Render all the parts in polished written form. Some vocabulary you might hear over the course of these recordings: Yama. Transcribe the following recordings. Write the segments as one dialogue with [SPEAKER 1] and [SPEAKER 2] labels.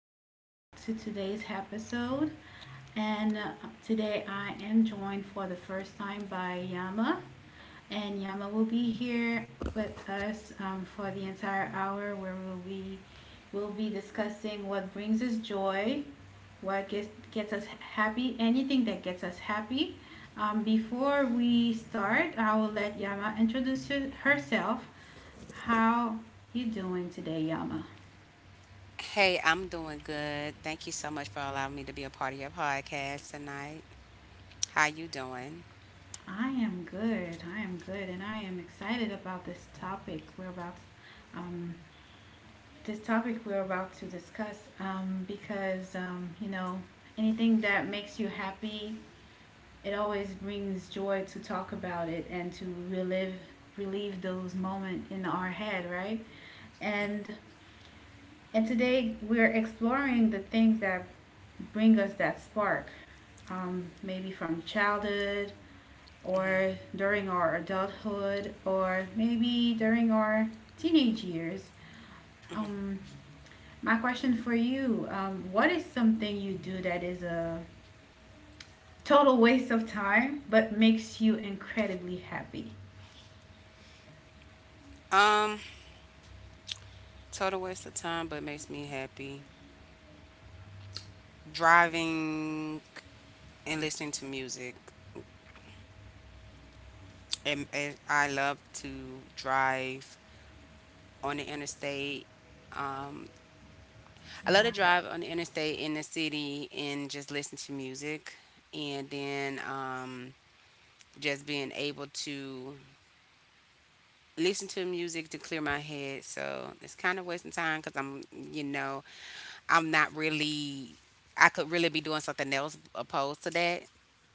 [SPEAKER 1] welcome back to today's episode. And today I am joined for the first time by Yama. And Yama will be here with us for the entire hour where we'll be discussing what brings us joy, what gets us happy, anything that gets us happy. Before we start, I will let Yama introduce herself. How you doing today, Yama?
[SPEAKER 2] Hey, I'm doing good. Thank you so much for allowing me to be a part of your podcast tonight. How you doing?
[SPEAKER 1] I am good. I am good, and I am excited about, um, this topic we're about to discuss, because anything that makes you happy, it always brings joy to talk about it and to relive relieve those moments in our head, right? And and today we're exploring the things that bring us that spark, maybe from childhood
[SPEAKER 2] Mm-hmm,
[SPEAKER 1] or during our adulthood or maybe during our teenage years.
[SPEAKER 2] mm-hmm.
[SPEAKER 1] Um, my question for you, what is something you do that is a total waste of time but makes you incredibly happy?
[SPEAKER 2] Um, Total waste of time, but makes me happy. Driving and listening to music. And I love to drive on the interstate. Um, I love to
[SPEAKER 1] Yeah.
[SPEAKER 2] drive on the interstate in the city and just listen to music. And then just being able to listen to music to clear my head. So it's kind of wasting time because I'm not really, I could really be doing something else opposed to that.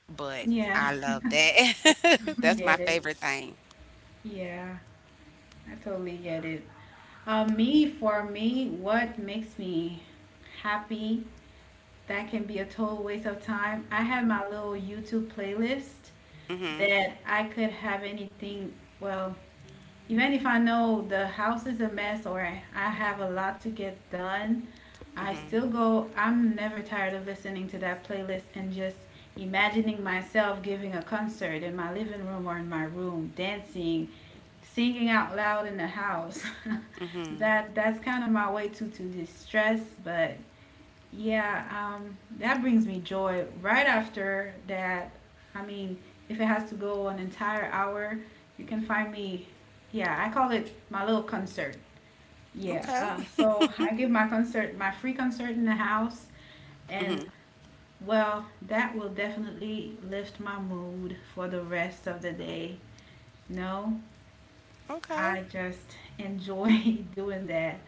[SPEAKER 2] But
[SPEAKER 1] Yeah,
[SPEAKER 2] I love that.
[SPEAKER 1] I
[SPEAKER 2] That's my
[SPEAKER 1] get it.
[SPEAKER 2] favorite thing.
[SPEAKER 1] Yeah, I totally get it. For me, what makes me happy? That can be a total waste of time. I have my little YouTube playlist
[SPEAKER 2] Mhm.
[SPEAKER 1] that I could have anything. Well, even if I know the house is a mess or I have a lot to get done, I
[SPEAKER 2] Mhm.
[SPEAKER 1] still go. I'm never tired of listening to that playlist and just imagining myself giving a concert in my living room or in my room, dancing, singing out loud in the house.
[SPEAKER 2] Mhm.
[SPEAKER 1] That's kind of my way to distress, but yeah, that brings me joy. Right after that, I mean, if it has to go an entire hour, you can find me. Yeah, I call it my little concert. Yeah,
[SPEAKER 2] Okay.
[SPEAKER 1] so I give my concert, my free concert in the house, and
[SPEAKER 2] Mhm.
[SPEAKER 1] well, that will definitely lift my mood for the rest of the day. You know,
[SPEAKER 2] Okay.
[SPEAKER 1] I just enjoy doing that.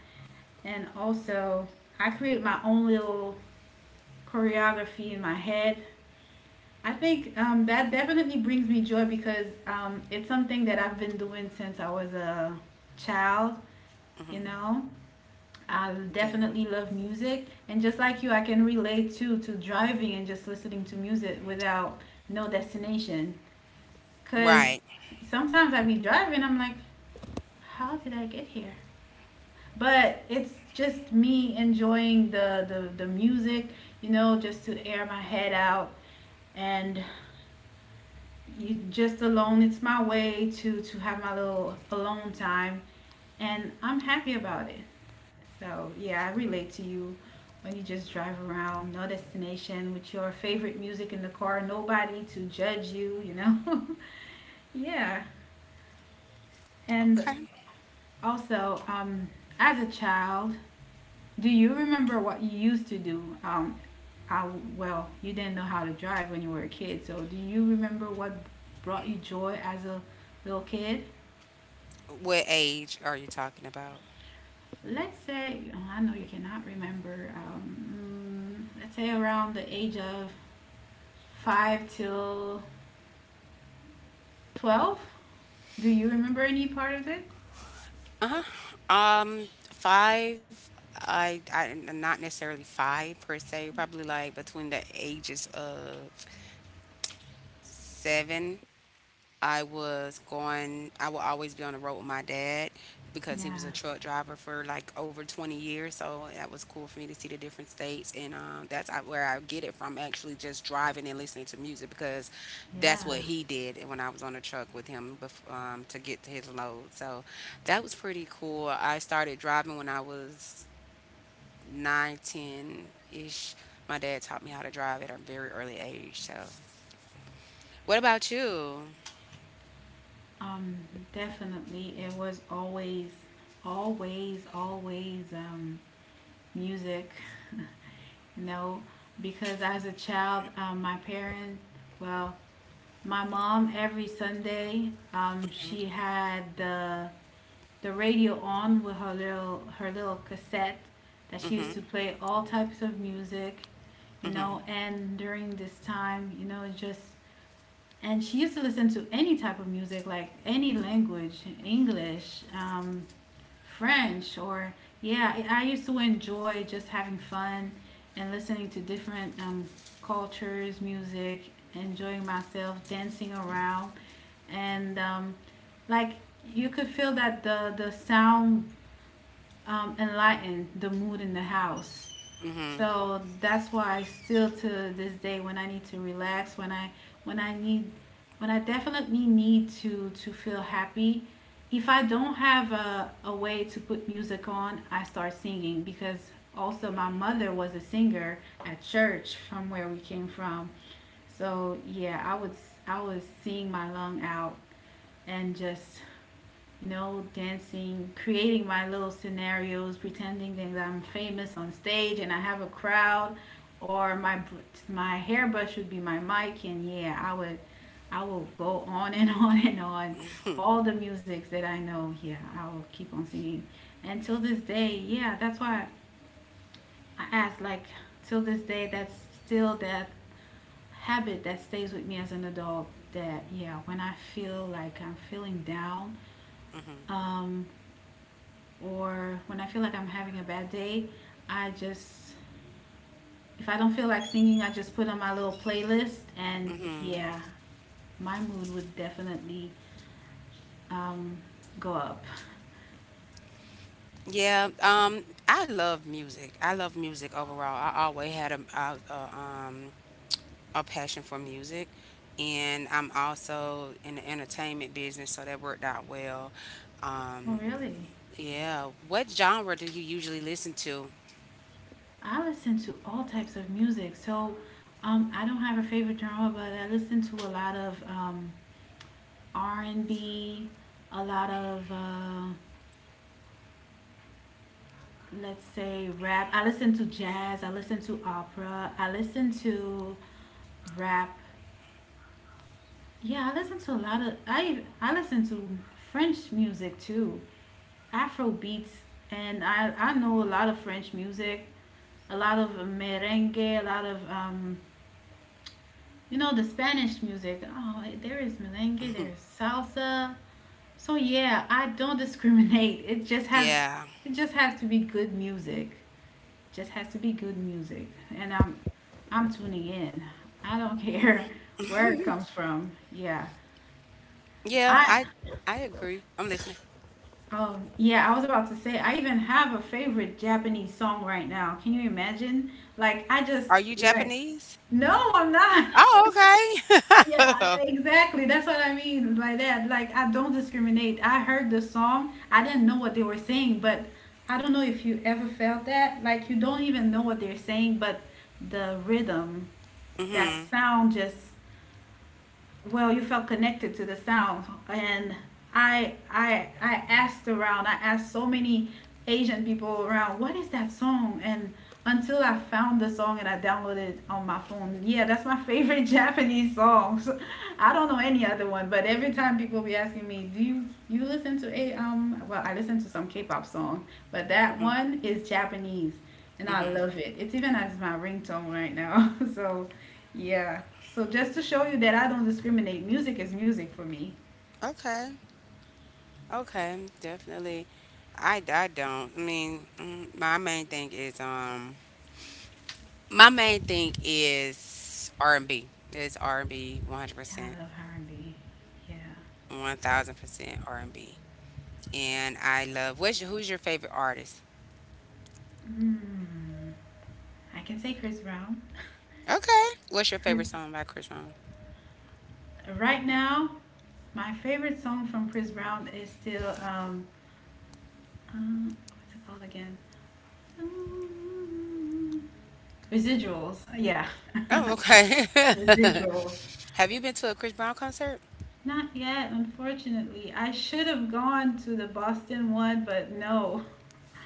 [SPEAKER 1] And also, I create my own little choreography in my head, I think that definitely brings me joy because it's something that I've been doing since I was a child. You
[SPEAKER 2] Mhm.
[SPEAKER 1] know, I
[SPEAKER 2] Yeah.
[SPEAKER 1] definitely love music, and just like you, I can relate to driving and just listening to music without no destination. Cause
[SPEAKER 2] Right.
[SPEAKER 1] sometimes I be driving, I'm like, how did I get here? But it's just me enjoying the music, just to air my head out, and you just alone, it's my way to have my little alone time, and I'm happy about it. So yeah, I relate to you when you just drive around no destination with your favorite music in the car, nobody to judge you you know Yeah. And
[SPEAKER 2] Okay.
[SPEAKER 1] also, as a child, do you remember what you used to do, I, well, you didn't know how to drive when you were a kid, so do you remember what brought you joy as a little kid?
[SPEAKER 2] What age are you talking about?
[SPEAKER 1] Let's say Oh, I know you cannot remember. Let's say around the age of 5 till 12, do you remember any part of it?
[SPEAKER 2] Uh huh. Five. I not necessarily five per se. Probably like between the ages of seven, I would always be on the road with my dad because he was
[SPEAKER 1] Yeah,
[SPEAKER 2] a truck driver for like over 20 years. So that was cool for me to see the different states. And that's where I get it from, actually just driving and listening to music because that's what
[SPEAKER 1] yeah.
[SPEAKER 2] he did when I was on the truck with him to get to his load. So that was pretty cool. I started driving when I was nine, ten ish. My dad taught me how to drive at a very early age. So, what about you?
[SPEAKER 1] um Definitely it was always, always, always music. You know, because as a child, my parents, well, my mom every Sunday, she had the radio on with her little cassette that she
[SPEAKER 2] Hmm.
[SPEAKER 1] used to play all types of music. And during this time, you know, just and she used to listen to any type of music, like any language, English, French, or yeah, I used to enjoy just having fun and listening to different, cultures, music, enjoying myself, dancing around, and like, you could feel that the sound enlightened the mood in the house.
[SPEAKER 2] Mm-hmm.
[SPEAKER 1] So that's why, still to this day, when I need to relax, when I need when I definitely need to feel happy, if I don't have a way to put music on, I start singing because also my mother was a singer at church from where we came from. So yeah, I would sing my lung out and just, dancing, creating my little scenarios, pretending that I'm famous on stage and I have a crowd, or my hairbrush would be my mic, and yeah, I will go on and on and on, all the musics that I know. Yeah, I will keep on singing, and till this day, yeah, that's why I asked. Like, till this day, that's still that habit that stays with me as an adult. That, yeah, when I feel like I'm feeling down,
[SPEAKER 2] Mm-hmm.
[SPEAKER 1] um, or when I feel like I'm having a bad day, I just, if I don't feel like singing, I just put on my little playlist, and
[SPEAKER 2] Mm-hmm.
[SPEAKER 1] yeah, my mood would definitely um, go up.
[SPEAKER 2] Yeah. I love music. I love music overall. I always had a passion for music, and I'm also in the entertainment business, so that worked out well.
[SPEAKER 1] Well,
[SPEAKER 2] Um,
[SPEAKER 1] really?
[SPEAKER 2] yeah. What genre do you usually listen to?
[SPEAKER 1] I listen to all types of music. So I don't have a favorite genre, but I listen to a lot of R&B, a lot of let's say rap. I listen to jazz. I listen to opera. I listen to rap. Yeah, I listen to a lot of I listen to French music too, Afro beats, and I know a lot of French music, a lot of merengue, a lot of the Spanish music. Oh, there is merengue, there is salsa. So yeah, I don't discriminate. It just has
[SPEAKER 2] Yeah.
[SPEAKER 1] it just has to be good music. Just has to be good music, and I'm tuning in. I don't care where it comes from. Yeah.
[SPEAKER 2] Yeah.
[SPEAKER 1] I
[SPEAKER 2] I agree. I'm listening.
[SPEAKER 1] Oh, yeah, I was about to say, I even have a favorite Japanese song right now. Can you imagine? Like,
[SPEAKER 2] Are you
[SPEAKER 1] like,
[SPEAKER 2] Japanese?
[SPEAKER 1] no, I'm not.
[SPEAKER 2] Oh,
[SPEAKER 1] Yeah,
[SPEAKER 2] okay.
[SPEAKER 1] exactly. That's what I mean by that. Like, I don't discriminate. I heard the song, I didn't know what they were saying, but I don't know if you ever felt that. Like, you don't even know what they're saying, but the rhythm, that
[SPEAKER 2] Mm-hmm.
[SPEAKER 1] sound, just, well, you felt connected to the sound, and I asked around. I asked so many Asian people around, what is that song? And until I found the song, and I downloaded it on my phone. Yeah, that's my favorite Japanese song. So, I don't know any other one, but every time people be asking me, do you listen to a well, I listen to some K-pop song, but that one is Japanese, and I
[SPEAKER 2] Mm-hmm.
[SPEAKER 1] love it. It's even as my ringtone right now. So yeah. So just to show you that I don't discriminate, music is music for me.
[SPEAKER 2] Okay. Okay, definitely. I don't. I mean, my main thing is R&B. It's R&B
[SPEAKER 1] Yeah,
[SPEAKER 2] 100%,
[SPEAKER 1] I love R&B. Yeah.
[SPEAKER 2] 1000% R&B. And B. And I love who's your favorite artist?
[SPEAKER 1] Mm, I can say Chris Brown.
[SPEAKER 2] Okay. What's your
[SPEAKER 1] Chris.
[SPEAKER 2] favorite song by Chris Brown?
[SPEAKER 1] Right now, my favorite song from Chris Brown is still, what's it called again? Mm, Residuals. Yeah.
[SPEAKER 2] Oh, okay.
[SPEAKER 1] Residuals.
[SPEAKER 2] Have you been to a Chris Brown concert?
[SPEAKER 1] Not yet, unfortunately. I should have gone to the Boston one, but no.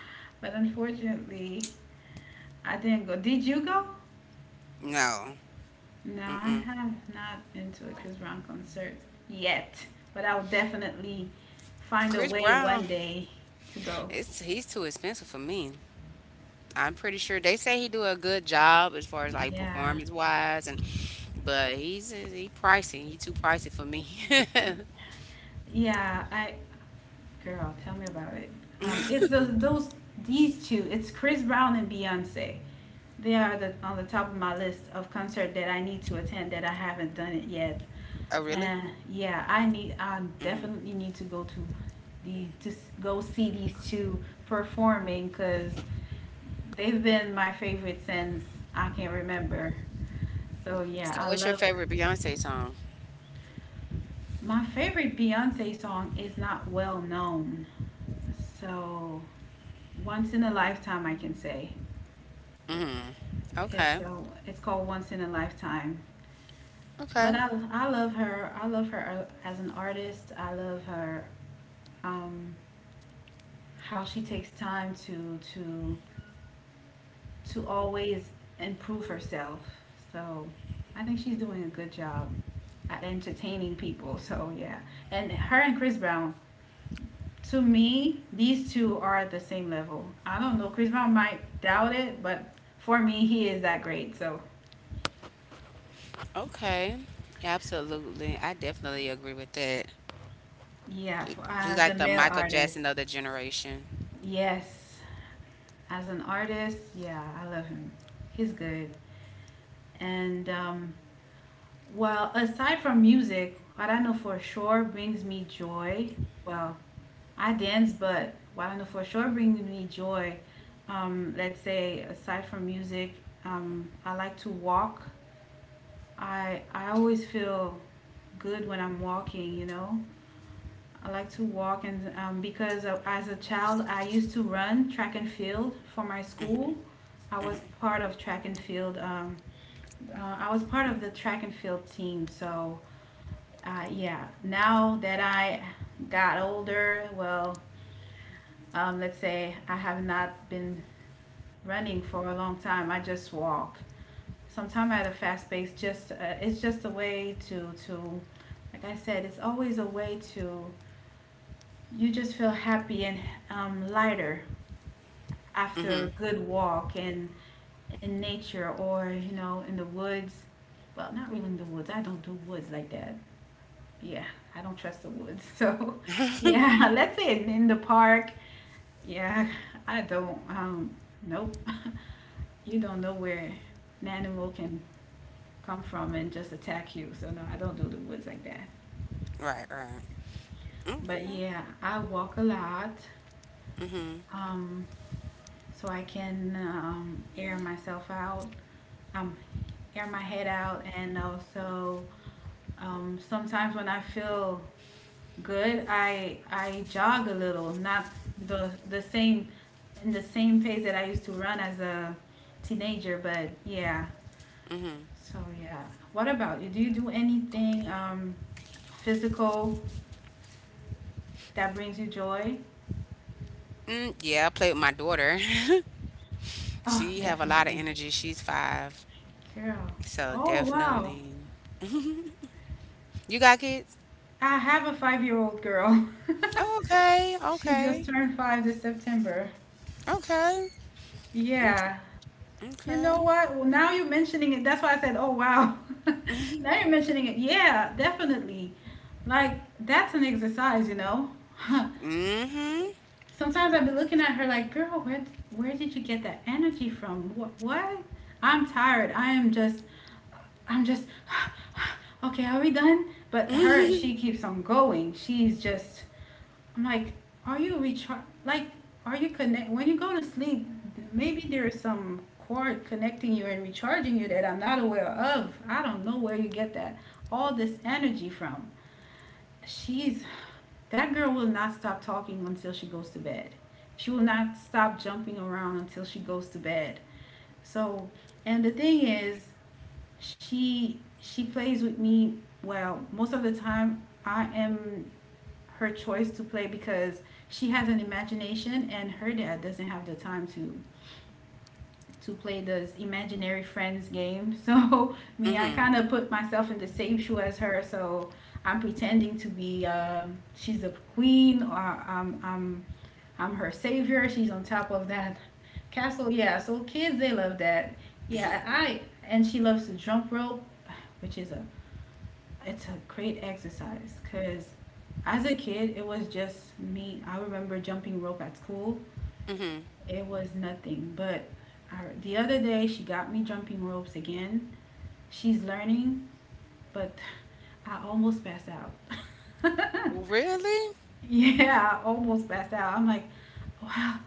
[SPEAKER 1] But unfortunately, I didn't go. Did you go?
[SPEAKER 2] No.
[SPEAKER 1] No, I
[SPEAKER 2] Mm-mm.
[SPEAKER 1] have not been to a Chris Brown concert yet, but I'll definitely find a
[SPEAKER 2] Chris
[SPEAKER 1] way
[SPEAKER 2] Brown,
[SPEAKER 1] one day to go.
[SPEAKER 2] it's he's too expensive for me. I'm pretty sure they say he do a good job as far as like
[SPEAKER 1] Yeah,
[SPEAKER 2] performance wise, and but he's he pricey. He too pricey for me.
[SPEAKER 1] yeah. I Girl, tell me about it. It's those these two. It's Chris Brown and Beyonce. They are on the top of my list of concert that I need to attend that I haven't done it yet.
[SPEAKER 2] Oh really?
[SPEAKER 1] And yeah, I
[SPEAKER 2] Hmm.
[SPEAKER 1] definitely need to go to go see these two performing because they've been my favorite since I can remember. So yeah,
[SPEAKER 2] So
[SPEAKER 1] I
[SPEAKER 2] what's your
[SPEAKER 1] love.
[SPEAKER 2] favorite Beyonce song?
[SPEAKER 1] My favorite Beyonce song is not well known. So, once in a lifetime, I can say.
[SPEAKER 2] Hmm.
[SPEAKER 1] It's
[SPEAKER 2] Okay.
[SPEAKER 1] so it's called Once in a Lifetime. But
[SPEAKER 2] Okay.
[SPEAKER 1] I love her. I love her as an artist. I love her, um, how she takes time to always improve herself. So I think she's doing a good job at entertaining people. So yeah, and her and Chris Brown, to me, these two are at the same level. I don't know. Chris Brown might doubt it, but for me, he is that great. So
[SPEAKER 2] Okay. Absolutely. I definitely agree with that.
[SPEAKER 1] yeah,
[SPEAKER 2] He's
[SPEAKER 1] as a
[SPEAKER 2] like the
[SPEAKER 1] male
[SPEAKER 2] Michael
[SPEAKER 1] artist,
[SPEAKER 2] Jackson of the generation.
[SPEAKER 1] yes, as an artist, yeah, I love him. He's good. And well, aside from music, what I know for sure brings me joy. Well, I dance, but Wagner for sure brings me joy. Let's say aside from music, I like to walk. I always feel good when I'm walking. You know, I like to walk, and as a child, I used to run track and field for my school. I was part of track and field. I was part of the track and field team. So, yeah. Now that I got older, well, let's say I have not been running for a long time. I just walk. Sometimes at a fast pace. Just it's just a way to, like I said, it's always a way to. You just feel happy and lighter after a
[SPEAKER 2] Hmm.
[SPEAKER 1] good walk in nature or in the woods. Well, not really in the woods. I don't do woods like that. Yeah, I don't trust the woods. So, yeah, let's say in the park. Yeah, I don't. Nope. You don't know where an animal can come from and just attack you. So no, I don't do the woods like that.
[SPEAKER 2] Right. Right. Okay.
[SPEAKER 1] But yeah, I walk a lot,
[SPEAKER 2] Hmm.
[SPEAKER 1] um, so I can air myself out, um, air my head out, and also sometimes when I feel good, I jog a little, not the same in the same pace that I used to run as a teenager, but yeah.
[SPEAKER 2] Hmm.
[SPEAKER 1] So yeah. What about you? Do you do
[SPEAKER 2] Go
[SPEAKER 1] anything
[SPEAKER 2] clean it up.
[SPEAKER 1] physical that brings you joy?
[SPEAKER 2] Mm, yeah, I play with my daughter. She
[SPEAKER 1] Oh,
[SPEAKER 2] have a lot of
[SPEAKER 1] definitely.
[SPEAKER 2] energy. She's five.
[SPEAKER 1] Girl.
[SPEAKER 2] So
[SPEAKER 1] Oh, wow.
[SPEAKER 2] definitely. You got kids?
[SPEAKER 1] I have a 5-year-old girl.
[SPEAKER 2] Oh, okay,
[SPEAKER 1] She just
[SPEAKER 2] okay,
[SPEAKER 1] turned 5 this September.
[SPEAKER 2] okay. Mm,
[SPEAKER 1] Yeah. You
[SPEAKER 2] okay.
[SPEAKER 1] know what? Well, now you're mentioning it. That's why I said, "Oh, wow." Now you're mentioning it. Yeah, definitely. Like that's an exercise, you know.
[SPEAKER 2] Hmm.
[SPEAKER 1] Sometimes I'd be looking at her like, girl, where did you get that energy from? What? I'm tired. I am just I'm just okay, are we done? But her
[SPEAKER 2] Hmm.
[SPEAKER 1] she keeps on going. She's just I'm like, are you recharge like are you connect when you go to sleep, maybe there is some cord connecting you and recharging you that I'm not aware of. I don't know where you get that all this energy from she's that girl will not stop talking until she goes to bed. She will not stop jumping around until she goes to bed. So, and the thing is, she plays with me well most of the time. I am her choice to play because she has an imagination and her dad doesn't have the time to play this imaginary friends game. So me, I
[SPEAKER 2] Hmm.
[SPEAKER 1] kind of put myself in the same shoe as her. So I'm pretending to be she's a queen, or I'm I'm I'm her savior. She's on top of that castle. Yeah. So kids, they love that. Yeah. I And she loves to jump rope, which is a it's a great exercise because as a kid it was just me. I remember jumping rope at school
[SPEAKER 2] Hmm.
[SPEAKER 1] it was nothing. But the other day, she got me jumping ropes again. She's learning, but I almost passed out.
[SPEAKER 2] Really?
[SPEAKER 1] Yeah, I almost passed out. I'm like, wow,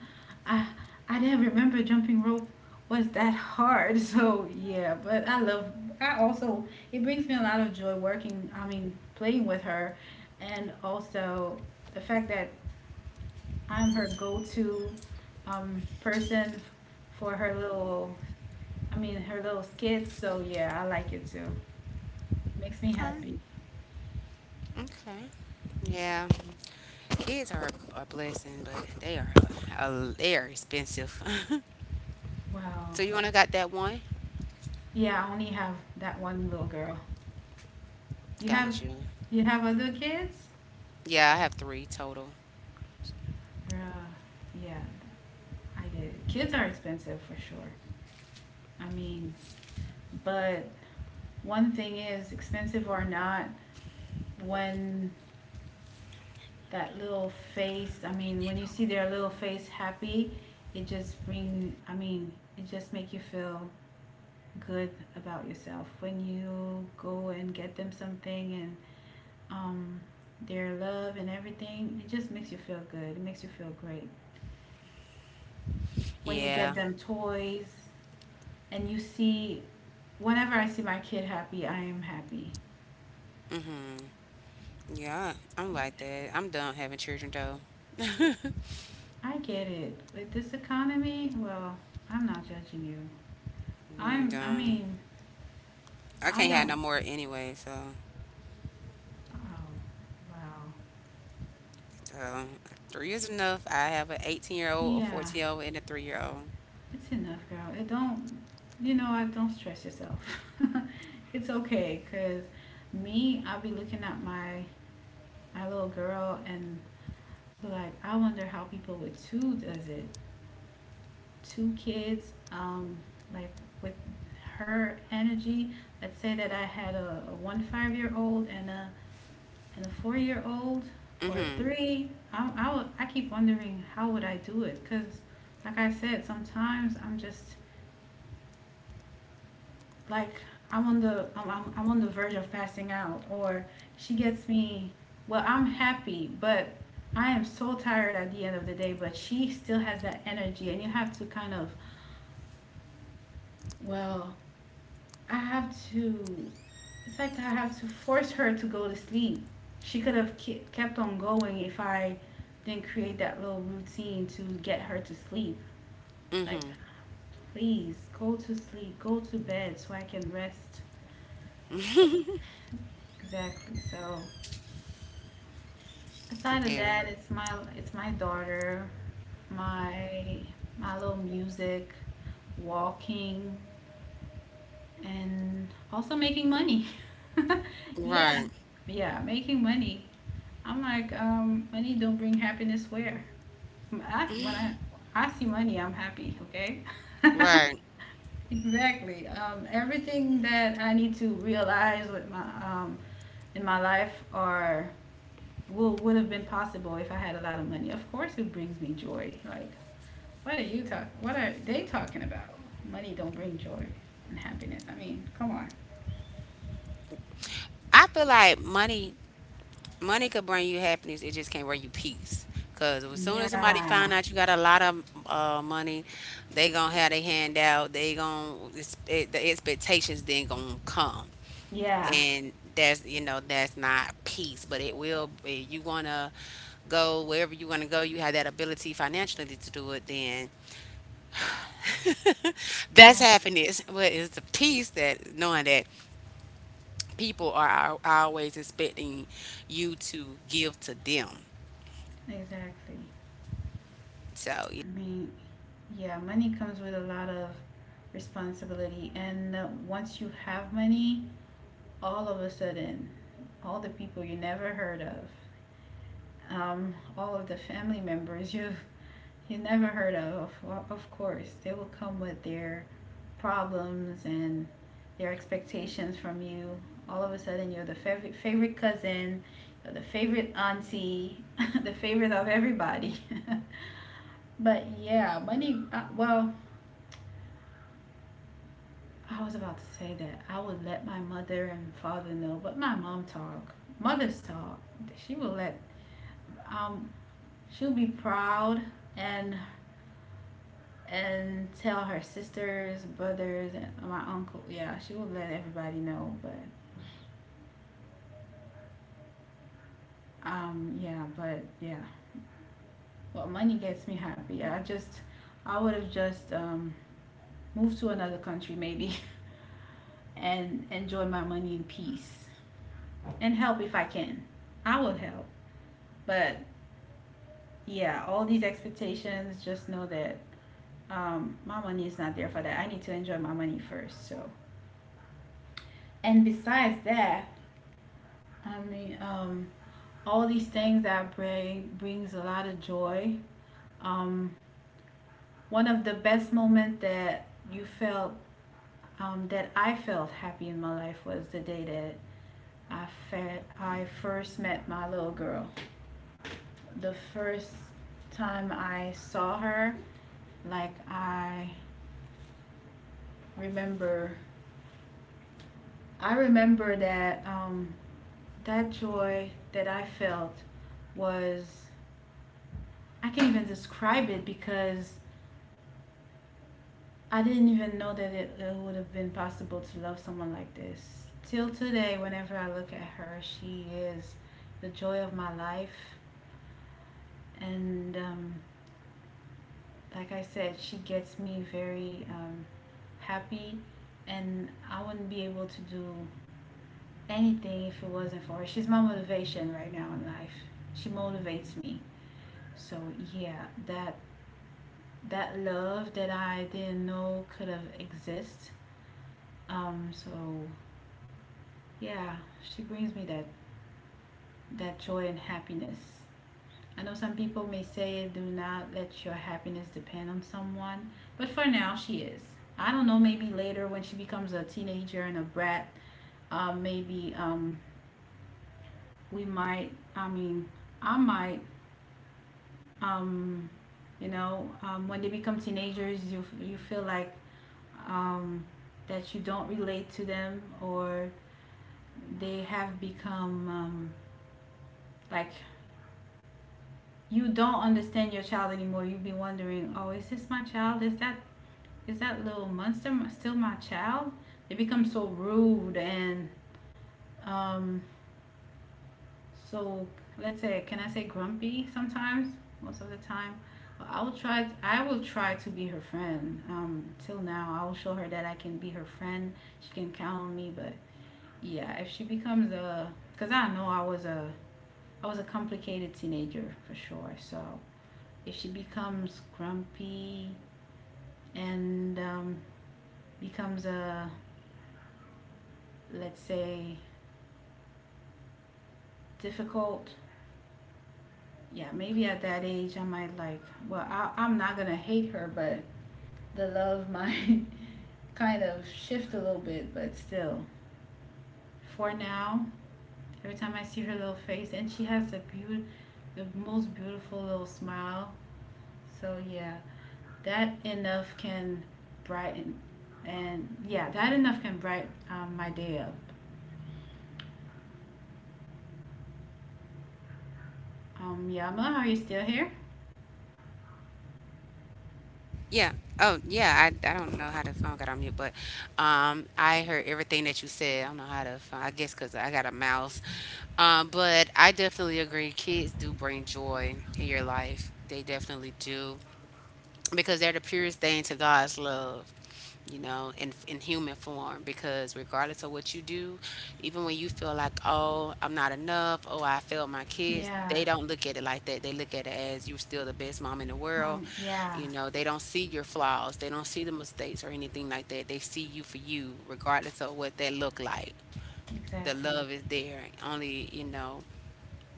[SPEAKER 1] I I didn't remember jumping rope was that hard. So yeah, but I love. I also it brings me a lot of joy working. I mean, playing with her, and also the fact that I'm her go-to person for her little, I mean, her little skits. So yeah, I like it too. Makes me
[SPEAKER 2] Okay.
[SPEAKER 1] happy.
[SPEAKER 2] Okay. Yeah, kids are a blessing, but they are expensive.
[SPEAKER 1] Wow.
[SPEAKER 2] So you wanna got that one?
[SPEAKER 1] Yeah, I only have that one little girl. You have,
[SPEAKER 2] Got you.
[SPEAKER 1] you have other kids?
[SPEAKER 2] Yeah, I have three total.
[SPEAKER 1] Girl, yeah, I get it. Kids are expensive for sure. I mean, but one thing is, expensive or not, when that little face. I mean, when you see their little face happy, it just bring. I mean, it just make you feel good about yourself when you go and get them something and um, their love and everything. It just makes you feel good. It makes you feel great when you get
[SPEAKER 2] Yeah.
[SPEAKER 1] them toys and you see. Whenever I see my kid happy, I am happy.
[SPEAKER 2] Hmm. Yeah, I'm like that. I'm done having children though.
[SPEAKER 1] I get it. With this economy, well, I'm not judging you.
[SPEAKER 2] I'm
[SPEAKER 1] I'm. I
[SPEAKER 2] done.
[SPEAKER 1] mean,
[SPEAKER 2] I
[SPEAKER 1] I
[SPEAKER 2] can't have no
[SPEAKER 1] don't.
[SPEAKER 2] more anyway. So,
[SPEAKER 1] Oh, wow.
[SPEAKER 2] so three is enough. I have an 18-year-old, a
[SPEAKER 1] Yeah,
[SPEAKER 2] 14-year-old, and a 3-year-old.
[SPEAKER 1] it's enough, girl. It don't, I don't stress yourself. It's okay, cause me, I'll be looking at my little girl and be like, I wonder how people with two does it. Two kids, like with her energy. Let's say that I had a one five year old and a four-year-old or
[SPEAKER 2] Mhm.
[SPEAKER 1] three I, would- I keep wondering how would I do it because like I said sometimes I'm just like I'm on the verge of passing out or she gets me well I'm happy but I am so tired at the end of the day but she still has that energy and you have to kind of well I have to. It's like I have to force her to go to sleep. She could have kept on going if I didn't create that little routine to get her to sleep. Like, please go to sleep, go to bed so I can rest.
[SPEAKER 2] Mhm.
[SPEAKER 1] Exactly. So aside of
[SPEAKER 2] Yeah.
[SPEAKER 1] that, it's my daughter, my my little music, walking, and also making money. Yeah,
[SPEAKER 2] Right.
[SPEAKER 1] yeah, making money. I'm like, money don't bring happiness where? When I see money, I'm happy. Okay.
[SPEAKER 2] Right.
[SPEAKER 1] Exactly. Everything that I need to realize with my in my life are will would have been possible if I had a lot of money. Of course, it brings me joy. Like, what are you talking? What are they talking about? Money don't bring joy and happiness. I mean, come on.
[SPEAKER 2] I feel like money could bring you happiness. It just can't bring you peace. Cause as soon as somebody find
[SPEAKER 1] Yeah.
[SPEAKER 2] out you got a lot of money, they gonna have their hand out. The expectations then gonna come,
[SPEAKER 1] Yeah.
[SPEAKER 2] and that's you know that's not peace, but it will. You wanna go wherever you want to go, you have that ability financially to do it, then that's
[SPEAKER 1] Yeah.
[SPEAKER 2] happiness. But it's the peace that knowing that people are always expecting you to give to them.
[SPEAKER 1] Exactly.
[SPEAKER 2] So, yeah.
[SPEAKER 1] I mean, yeah, money comes with a lot of responsibility, and once you have money, all of a sudden, all the people you never heard of, all of the family members you never heard of. Of course, they will come with their problems and their expectations from you. All of a sudden, you're the favorite cousin, you're the favorite auntie, the favorite of everybody. But yeah, money. Well, I was about to say that I would let my mother and father know, but my mom talk. Mothers talk. She will let. Um, She'll be proud and tell her sisters, brothers, and my uncle. Yeah, she will let everybody know. But yeah, but yeah. Well, money gets me happy. I would have just moved to another country maybe, and enjoy my money in peace and help if I can. I will help. But yeah, all these expectations. Just know that my money is not there for that. I need to enjoy my money first. So, and besides that, I mean, all these things that brings a lot of joy. Um, One of the best moment that you felt that I felt happy in my life was the day that I first met my little girl. The first time I saw her, like remember, I remember that that joy that I felt was I can't even describe it because I didn't even know that it would have been possible to love someone like this. Till today, whenever I look at her, she is the joy of my life. And like I said, she gets me very happy. And I wouldn't be able to do anything if it wasn't for her. She's my motivation right now in life. She motivates me. So yeah, that love that I didn't know could have exist. So, yeah, she brings me that joy and happiness. I know some people may say do not let your happiness depend on someone, but for now she is. I don't know, maybe later when she becomes a teenager and a brat, maybe we might, I mean, I might, um, when they become teenagers, you feel like um, that you don't relate to them or they have become like you don't understand your child anymore. You'd be wondering, oh, is this my child? Is that little monster still my child? They become so rude and um, so let's say, can I say grumpy sometimes? Most of the time, I will try. I will try to be her friend. Till now, I will show her that I can be her friend. She can count on me. But yeah, if she becomes a, cause I know I was a complicated teenager for sure. So if she becomes grumpy and becomes a let's say difficult yeah maybe at that age I might like well I'm not gonna hate her but the love might kind of shift a little bit but still for now every time I see her little face and she has the beautiful, the most beautiful little smile so yeah that enough can brighten and yeah that enough can brighten my day up. Yama, are you still here?
[SPEAKER 2] Yeah. Oh, yeah. I don't know how the phone got on mute, but I heard everything that you said. I don't know how to. Phone. I guess because I got a mouse. But I definitely agree. Kids do bring joy in your life. They definitely do because they're the purest thing to God's love. In human form, because regardless of what you do, even when you feel like, "Oh, I'm not enough," "Oh, I failed my kids,"
[SPEAKER 1] Yeah.
[SPEAKER 2] they don't look at it like that. They look at it as you're still the best mom in the world.
[SPEAKER 1] Yeah.
[SPEAKER 2] They don't see your flaws. They don't see the mistakes or anything like that. They see you for you regardless of what that look like. The
[SPEAKER 1] Exactly.
[SPEAKER 2] love is there. Only,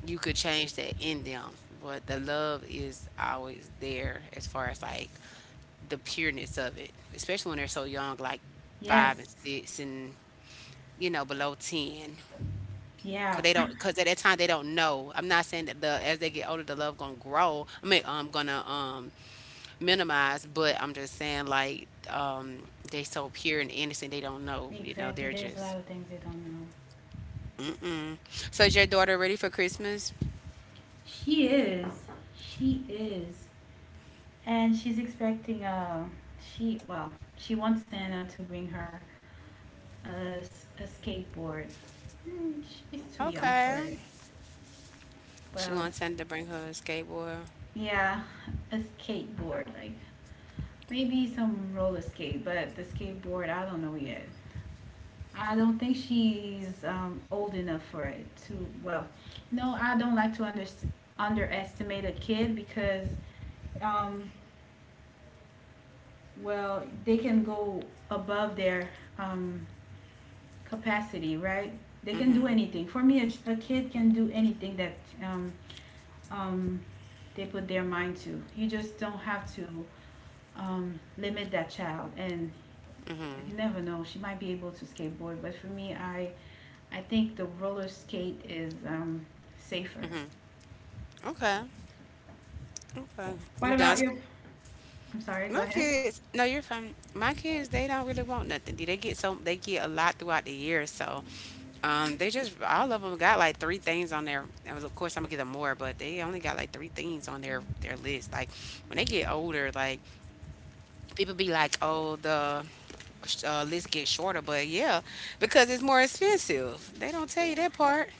[SPEAKER 2] you could change that in them, but the love is always there as far as like the pureness of it, especially when they're so young, like five and
[SPEAKER 1] Yes.
[SPEAKER 2] six, and below ten.
[SPEAKER 1] Yeah.
[SPEAKER 2] Cause they don't, cause at that time they don't know. I'm not saying that the as they get older, the love gonna grow. I mean, I'm gonna minimize, but I'm just saying like they so pure and innocent, they don't know. You know,
[SPEAKER 1] Exactly.
[SPEAKER 2] they're
[SPEAKER 1] There's a
[SPEAKER 2] just.
[SPEAKER 1] lot of things they don't know.
[SPEAKER 2] So is your daughter ready for Christmas?
[SPEAKER 1] She is. She is. And she's expecting she well, she wants Santa to bring her a skateboard. Mm, she's too young
[SPEAKER 2] Okay.
[SPEAKER 1] for it.
[SPEAKER 2] She wants
[SPEAKER 1] Well,
[SPEAKER 2] Santa to bring her a skateboard.
[SPEAKER 1] yeah, a skateboard, like maybe some roller skate, but the skateboard I don't know yet. I don't think she's old enough for it to. Well, no, I don't like to underestimate a kid because, um, well, they can go above their um, capacity, right? They can do anything. For me, a kid can do anything that um, um, they put their mind to. You just don't have to limit that child. And you never know, she might be able to skateboard. But for me, I think the roller skate is safer.
[SPEAKER 2] Okay. Okay.
[SPEAKER 1] What
[SPEAKER 2] You done?
[SPEAKER 1] about you? I'm sorry. Go
[SPEAKER 2] My
[SPEAKER 1] ahead.
[SPEAKER 2] kids, no, you're fine. My kids, they don't really want nothing. They get a lot throughout the year, so they just all of them got like three things on their. And of course, I'm gonna get them more, but they only got like three things on their list. Like when they get older, like people be like, "Oh, the list gets shorter," but yeah, because it's more expensive. They don't tell you that part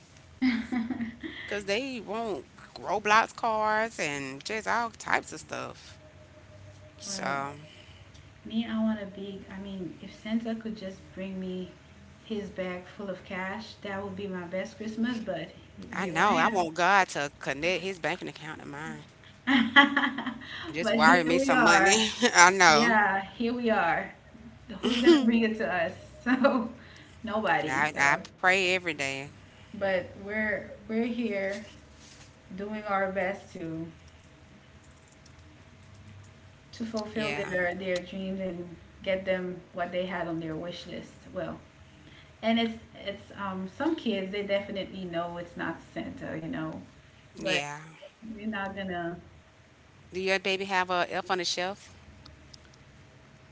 [SPEAKER 2] because they want Roblox cars and just all types of stuff.
[SPEAKER 1] Well,
[SPEAKER 2] So.
[SPEAKER 1] me, I want a big. I mean, if Santa could just bring me his bag full of cash, that would be my best Christmas. But
[SPEAKER 2] I
[SPEAKER 1] here
[SPEAKER 2] know. I
[SPEAKER 1] I
[SPEAKER 2] want God to connect his banking account to mine.
[SPEAKER 1] am.
[SPEAKER 2] Just
[SPEAKER 1] But
[SPEAKER 2] wire
[SPEAKER 1] here
[SPEAKER 2] me
[SPEAKER 1] we
[SPEAKER 2] some
[SPEAKER 1] are.
[SPEAKER 2] money. I know.
[SPEAKER 1] Yeah, here we are. Who's gonna bring it to us? So nobody.
[SPEAKER 2] I
[SPEAKER 1] So
[SPEAKER 2] pray every day.
[SPEAKER 1] but we're here doing our best to fulfill
[SPEAKER 2] Yeah.
[SPEAKER 1] their dreams and get them what they had on their wish list. Well, and it's some kids, they definitely know it's not Santa, but
[SPEAKER 2] Yeah.
[SPEAKER 1] we're not gonna.
[SPEAKER 2] Do your baby have a elf on the shelf?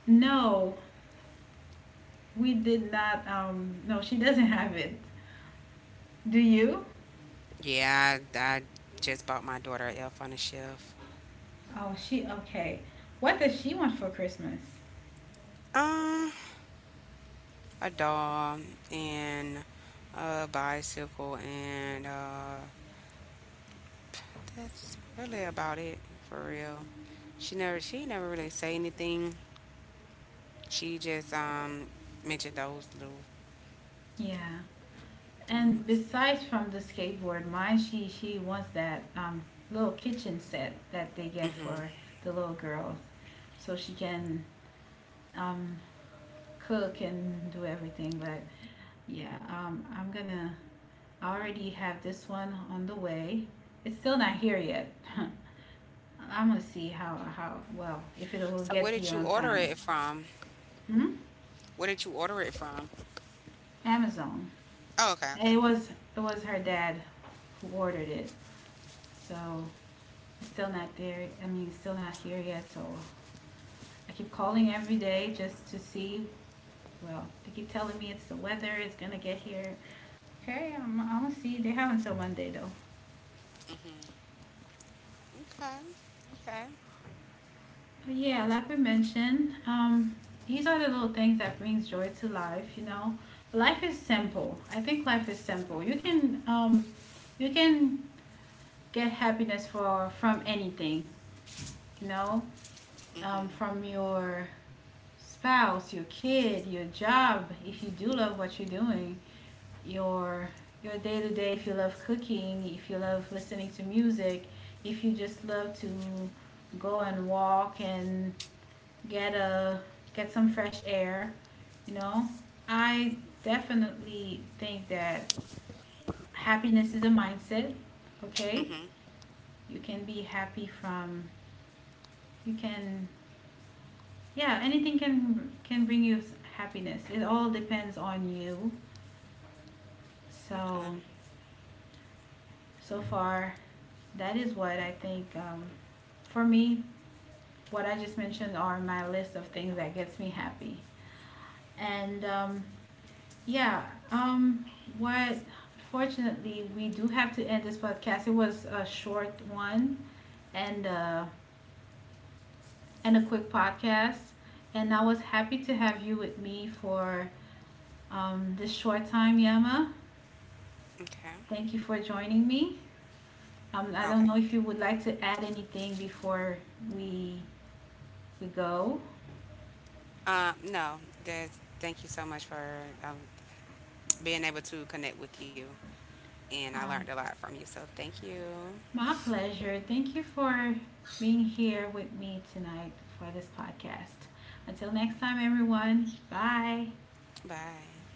[SPEAKER 1] No, we did not. No, she doesn't have it. Do you?
[SPEAKER 2] Yeah, I just bought my daughter a elf on the shelf.
[SPEAKER 1] Oh, she okay. What does she want for Christmas?
[SPEAKER 2] Um, a doll and a bicycle, and that's really about it for real. She never really say anything. She just mentioned those little
[SPEAKER 1] Yeah. And
[SPEAKER 2] things.
[SPEAKER 1] besides from the skateboard, mine, she wants that little kitchen set that they get for
[SPEAKER 2] Mm-hmm.
[SPEAKER 1] the little girls, so she can um, cook and do everything. But yeah, I'm gonna I already have this one on the way. It's still not here yet. I'm gonna see how well if it will
[SPEAKER 2] So
[SPEAKER 1] get
[SPEAKER 2] where did
[SPEAKER 1] here
[SPEAKER 2] you
[SPEAKER 1] on
[SPEAKER 2] order
[SPEAKER 1] time.
[SPEAKER 2] it from?
[SPEAKER 1] Hmm?
[SPEAKER 2] Where did you order it from?
[SPEAKER 1] Amazon.
[SPEAKER 2] Oh, okay,
[SPEAKER 1] And
[SPEAKER 2] okay.
[SPEAKER 1] it was her dad who ordered it, so it's still not there. I mean, it's still not here yet. So I keep calling every day just to see. Well, they keep telling me it's the weather. It's gonna get here. Okay, I'm gonna see. They have until Monday though.
[SPEAKER 2] Mhm. Okay. Okay.
[SPEAKER 1] But yeah, like we mentioned, these are the little things that brings joy to life. You know, life is simple. I think life is simple. You can get happiness for from anything. You know,
[SPEAKER 2] Mhm.
[SPEAKER 1] from your spouse, your kid, your job, if you do love what you're doing, your your day to day, if you love cooking, if you love listening to music, if you just love to go and walk and get a get some fresh air, you know. I definitely think that happiness is a mindset, okay?
[SPEAKER 2] Mhm.
[SPEAKER 1] You can be happy from you can, yeah, anything can bring you happiness. It all depends on you.
[SPEAKER 2] Okay.
[SPEAKER 1] So, so far, that is what I think. For me, what I just mentioned are my list of things that gets me happy. And yeah, um, what fortunately we do have to end this podcast. It was a short one, and uh, and a quick podcast. And I was happy to have you with me for this short time, Yama.
[SPEAKER 2] Okay.
[SPEAKER 1] Thank you for joining me. I don't
[SPEAKER 2] Okay.
[SPEAKER 1] know if you would like to add anything before we we go.
[SPEAKER 2] No, that's thank you so much for being able to connect with you, and I learned a
[SPEAKER 1] Um,
[SPEAKER 2] lot from you. So thank you.
[SPEAKER 1] my pleasure. Thank you for being here with me tonight for this podcast. Until next time, everyone. Bye.
[SPEAKER 2] Bye.